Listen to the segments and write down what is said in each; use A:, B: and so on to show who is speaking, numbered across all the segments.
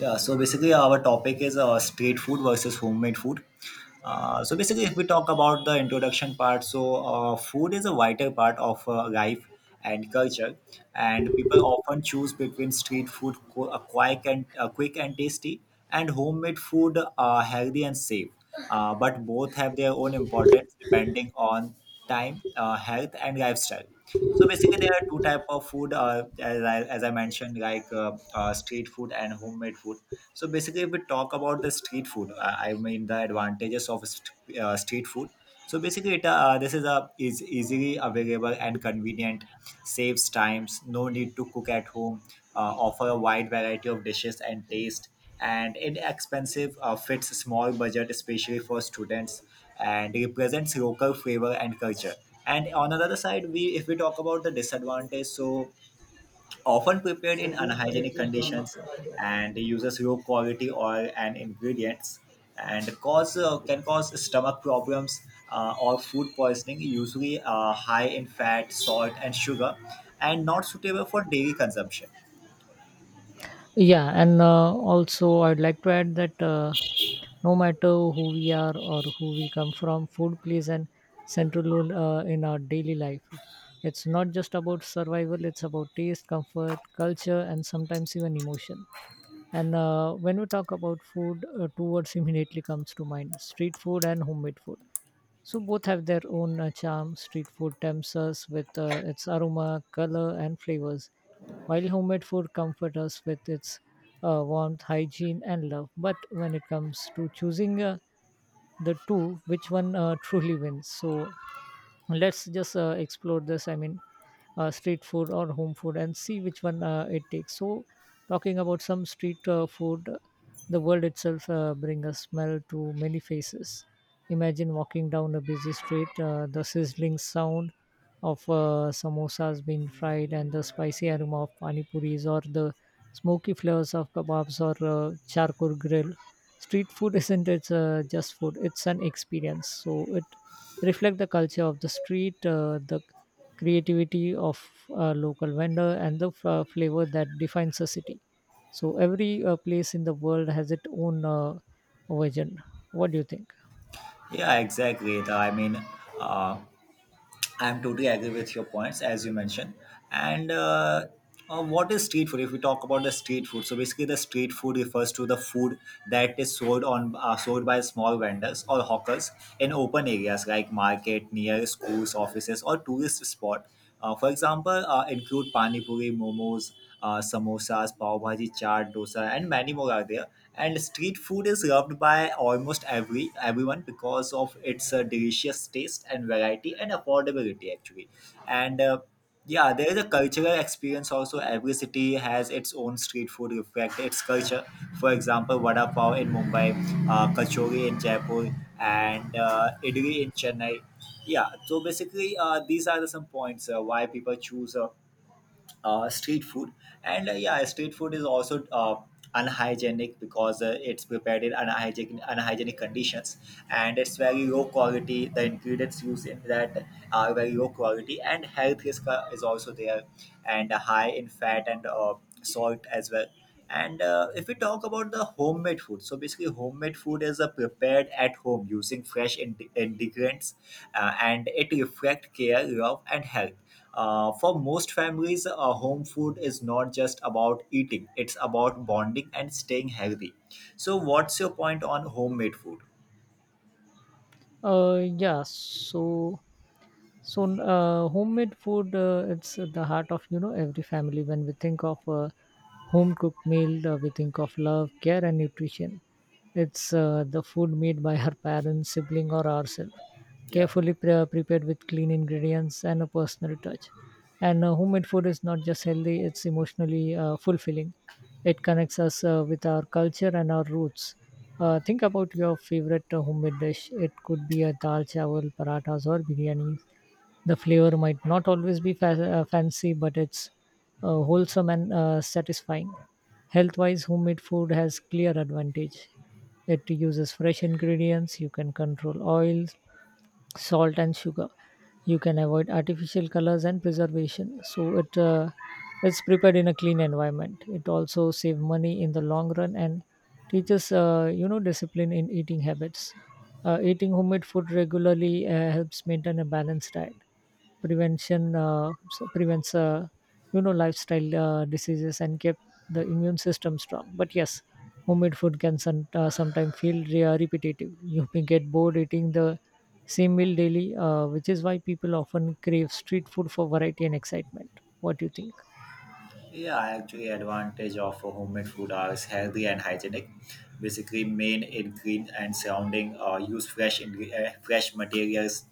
A: Yeah, so basically, our topic is street food versus homemade food. So basically, if we talk about the introduction part, so food is a vital part of life and culture, and people often choose between street food, quick and tasty, and homemade food, healthy and safe. But both have their own importance depending on time, health, and lifestyle. So basically, there are two type of food, as I mentioned, like street food and homemade food. So basically, if we talk about the street food, I mean the advantages of street food. So basically, this is easily available and convenient, saves times, no need to cook at home, offer a wide variety of dishes and taste and inexpensive fits small budget especially for students and represents local flavor and culture. And on the other side, we if we talk about the disadvantage, so often prepared in unhygienic conditions and uses low quality oil and ingredients and cause can cause stomach problems or food poisoning, usually high in fat, salt, and sugar, and not suitable for daily consumption.
B: Yeah, and also I'd like to add that no matter who we are or who we come from, food plays an central role in our daily life. It's not just about survival; it's about taste, comfort, culture, and sometimes even emotion. And When we talk about food, two words immediately comes to mind: street food and homemade food. So both have their own charm. Street food tempts us with its aroma, color, and flavors, while homemade food comforts us with its warmth, hygiene, and love. But when it comes to choosing the two, which one truly wins? So let's just explore this: street food or home food and see which one it takes. So talking about some street food, the world itself bring a smell to many faces. Imagine walking down a busy street, the sizzling sound of samosas being fried and the spicy aroma of pani puris, or the smoky flavors of kebabs or charcoal grill. Street food isn't it's just food, it's an experience. So it reflect the culture of the street, the creativity of a local vendor, and the flavor that defines a city. So every place in the world has its own version. What do you think?
A: Yeah, exactly. The I mean uh, I'm totally agree with your points as you mentioned. And What is street food? If we talk about the street food, so basically the street food refers to the food that is sold on sold by small vendors or hawkers in open areas like market, near schools, offices, or tourist spot. For example, include pani puri, momos, samosas, pav bhaji, chaat, dosa, and many more are there. And street food is loved by almost everyone because of its delicious taste and variety and affordability actually. And Yeah, there is a cultural experience also. Every city has its own street food reflect its culture. For example, vada pav in Mumbai, kachori in Jaipur, and idli in Chennai. Yeah, so basically, these are the some points why people choose street food, and yeah, street food is also unhygienic because it's prepared in unhygienic conditions, and it's very low quality. The ingredients used in that are very low quality, and health risk is also there, and high in fat and salt as well. And If we talk about the homemade food, so basically, homemade food is a prepared at home using fresh ingredients, and it reflects care, love, and health. For most families, home food is not just about eating, it's about bonding and staying healthy. So, what's your point on homemade food?
B: Yeah. So homemade food, it's at the heart of, you know, every family. When we think of a home cooked meal, we think of love, care, and nutrition. It's the food made by our parents, sibling, or ourselves,
A: Yeah.
B: carefully prepared with clean ingredients and a personal touch. And Homemade food is not just healthy; it's emotionally fulfilling. It connects us with our culture and our roots. Think about your favorite homemade dish. It could be a dal chawal, parathas, or biryani. The flavor might not always be fancy, but it's wholesome and satisfying. Health-wise, homemade food has clear advantage. It uses fresh ingredients. You can control oil, salt, and sugar. You can avoid artificial colors and preservation. So it's prepared in a clean environment. It also saves money in the long run and teaches, you know, discipline in eating habits. Eating homemade food regularly helps maintain a balanced diet, prevention prevents, you know, lifestyle diseases, and keep the immune system strong. But yes, homemade food can sometimes feel repetitive. You may get bored eating the same meal daily, which is why people often crave street food for variety and excitement. What do you think?
A: Yeah, actually, advantage of homemade food are healthy and hygienic. Basically, main ingredient and surrounding use fresh materials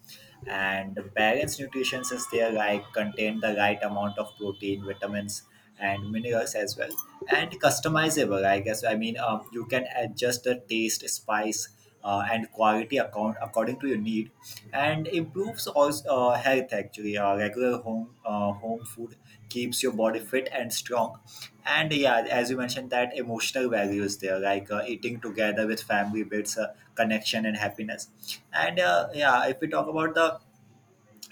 A: and balanced nutrition is there, like contain the right amount of protein, vitamins, and minerals as well. And customizable, I guess. I mean, you can adjust the taste, spice, and quality account according to your need, and improves also health. Actually, regular home food keeps your body fit and strong. And yeah, as you mentioned, that emotional value is there, like eating together with family builds a connection and happiness. And yeah, if we talk about the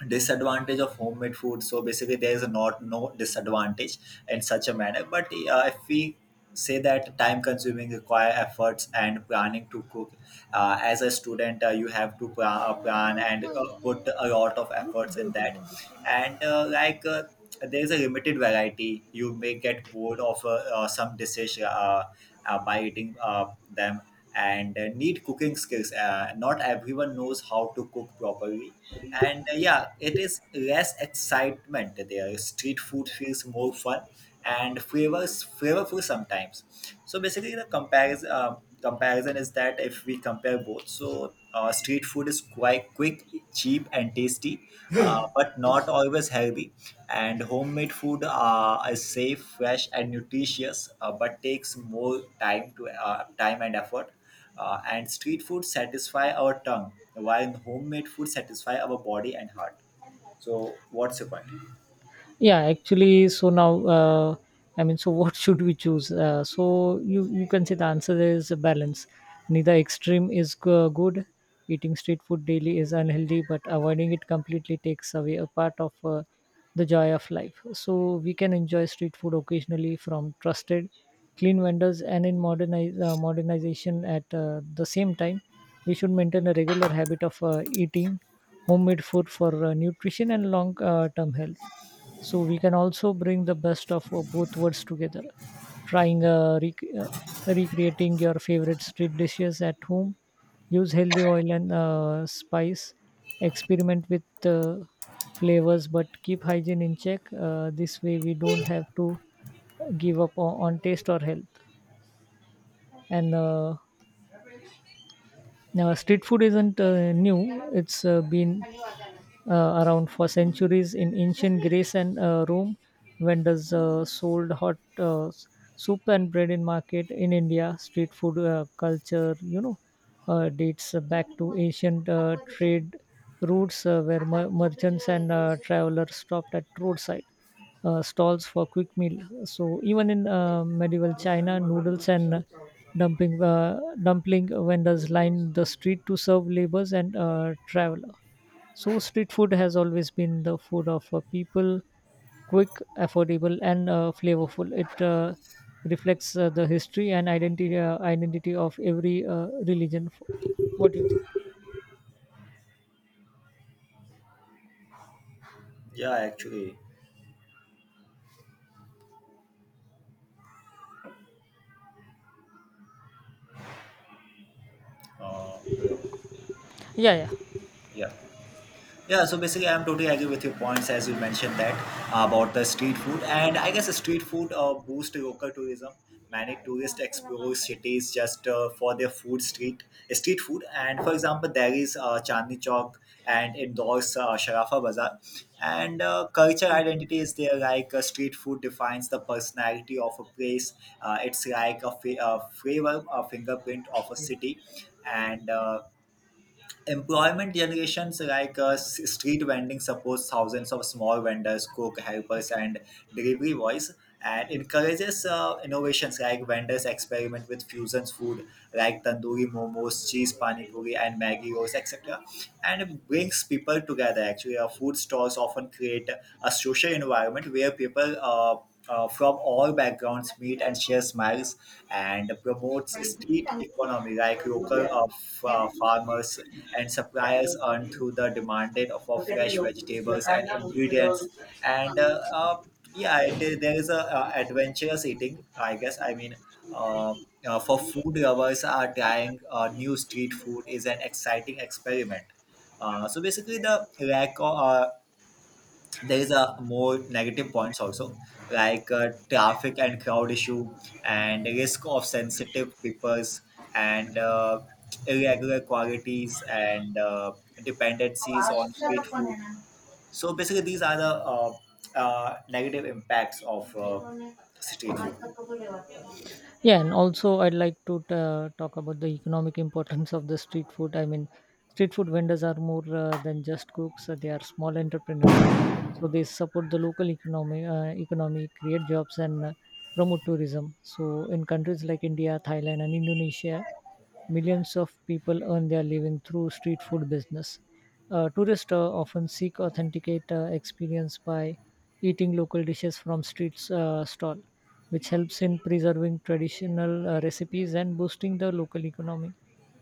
A: disadvantage of homemade food, so basically there is not no disadvantage in such a manner, but if we say that time consuming require efforts and planning to cook. As a student, you have to plan and put a lot of efforts in that. And there is a limited variety, you may get bored of some dishes by eating them, and need cooking skills. Not everyone knows how to cook properly, and yeah, it is less excitement there, street food feels more fun and favors favorful sometimes. So basically, the comparison is that if we compare both, so street food is quite quick, cheap, and tasty, but not always healthy. And homemade food is safe, fresh, and nutritious, but takes more time to time and effort. And street food satisfy our tongue, while homemade food satisfy our body and heart. So, what's your point?
B: Yeah, actually, so now, so what should we choose? So you can say the answer is a balance. Neither extreme is good. Eating street food daily is unhealthy, but avoiding it completely takes away a part of the joy of life. So we can enjoy street food occasionally from trusted clean vendors and in modernization. At the same time, we should maintain a regular habit of eating homemade food for nutrition and long term health. So we can also bring the best of both worlds together, trying recreating your favorite street dishes at home, use healthy oil and spice, experiment with flavors, but keep hygiene in check. This way, we don't have to give up on taste or health. And Now, street food isn't new, it's been around for centuries. In ancient Greece and Rome, vendors sold hot soup and bread in market. In India, street food culture, you know, dates back to ancient trade routes where merchants and travelers stopped at roadside stalls for quick meal. So even in medieval China, noodles and Dumping dumpling vendors line the street to serve laborers and traveler. So street food has always been the food of people, quick, affordable, and flavorful. It reflects the history and identity of every religion. What do you think?
A: Yeah, actually, uh,
B: Yeah,
A: yeah. Yeah, so basically, I'm totally agree with your points as you mentioned that about the street food, and I guess the street food boosts local tourism. Many tourists explore cities just for their food street food, and for example, there is Chandni Chowk and indoors Sharafa Bazaar, and culture identity is there. Like street food defines the personality of a place. It's like a, a flavor, a fingerprint of a city, and employment generations, like street vending supports thousands of small vendors, cook helpers, and delivery boys, and encourages innovations like vendors experiment with fusions food like tandoori momos, cheese pani puri, and maggi rolls, etc. And it brings people together. Actually, food stalls often create a social environment where people from all backgrounds meet and share smiles and promotes street economy, like local farmers and suppliers earn through the demanded for fresh vegetables and
B: yeah.
A: ingredients. And Yeah, it is, there is a adventurous eating, I guess. I mean, uh, for food lovers are trying new street food is an exciting experiment. So basically, the lack of, there is a more negative points also, like traffic and crowd issue and risk of sensitive papers and irregular qualities and dependencies on street food. So basically, these are the negative impacts of street food.
B: Yeah, and also I'd like to talk about the economic importance of the street food. I mean, street food vendors are more than just cooks; they are small entrepreneurs. So they support the local economy, create jobs, and promote tourism. So in countries like India, Thailand, and Indonesia, millions of people earn their living through street food business. Tourists often seek authenticate experience by eating local dishes from streets stall, which helps in preserving traditional recipes and boosting the local economy.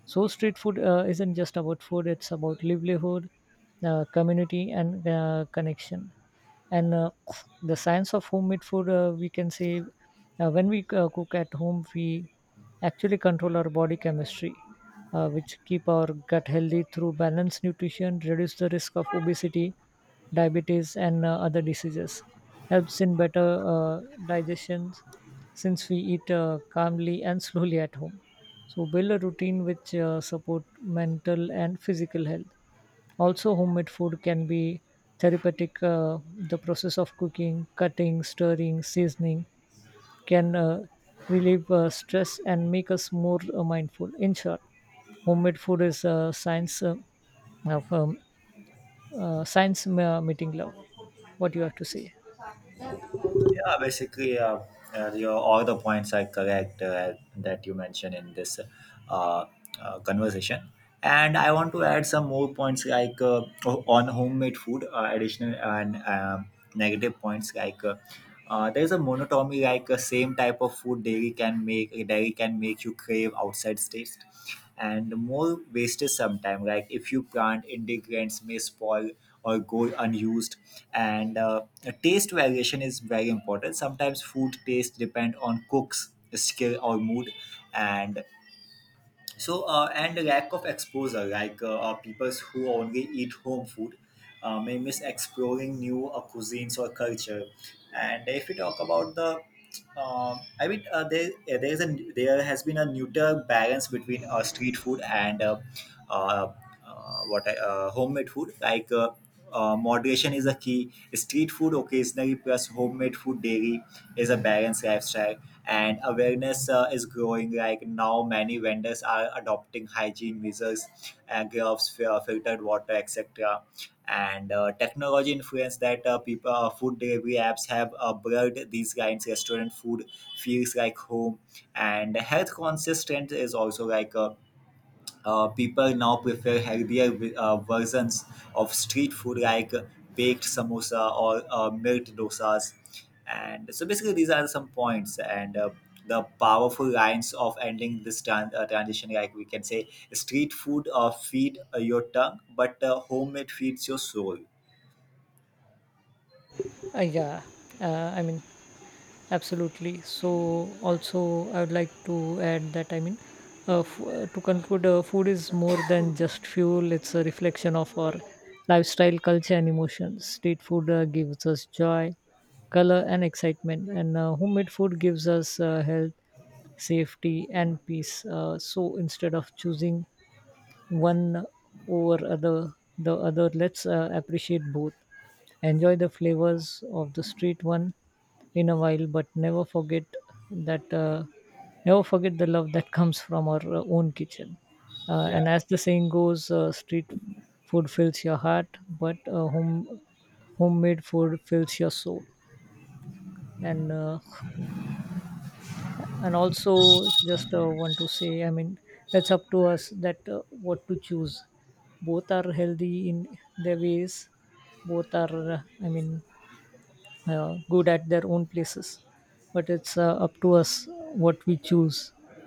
B: So street food isn't just about food; it's about livelihood, community, and connection. And The science of homemade food, we can say, when we cook at home, we actually control our body chemistry, which keep our gut healthy through balanced nutrition, reduce the risk of obesity, diabetes, and other diseases, helps in better digestion since we eat calmly and slowly at home. So, build a routine which support mental and physical health. Also, homemade food can be therapeutic. The process of cooking, cutting, stirring, seasoning, can relieve stress and make us more mindful. In short, homemade food is of um, science meeting love. What you have to say?
A: Yeah, basically, all the points are correct that you mentioned in this uh, conversation. And I want to add some more points, like on homemade food, additional and negative points, like there's a monotony, like same type of food dairy can make you crave outside taste, and more wastage sometimes, like if you plant ingredients may spoil or go unused, and taste variation is very important, sometimes food taste depend on cooks skill or mood, and and lack of exposure, like people who only eat home food may miss exploring new cuisines or culture. And if we talk about the I mean, there is a there has been a neuter balance between street food and uh, homemade food. Like moderation is a key. Street food occasionally plus homemade food daily is a balanced lifestyle, and awareness is growing, like now many vendors are adopting hygiene measures, gloves, filtered water, etc. And technology influence that people food delivery apps have blurred these lines, restaurant food feels like home, and health conscious trend is also, like people now prefer healthier versions of street food, like baked samosa or milk dosas. And so basically, these are some points, and the powerful lines of ending this transition. Like we can say, street food feed your tongue, but homemade feeds your soul.
B: Uh, yeah, uh, I mean Absolutely. So, also, I would like to add that to conclude, food is more than just fuel, it's a reflection of our lifestyle, culture, and emotions. Street food gives us joy, color, and excitement, and homemade food gives us health, safety, and peace. So, instead of choosing one over other the other, let's appreciate both. Enjoy the flavors of the street one in a while, but never forget that never forget the love that comes from our own kitchen. And as the saying goes, street food fills your heart, but homemade food fills your soul. And and also just want to say, it's up to us that what to choose. Both are healthy in their ways. Both are, good at their own places, but it's up to us what we choose.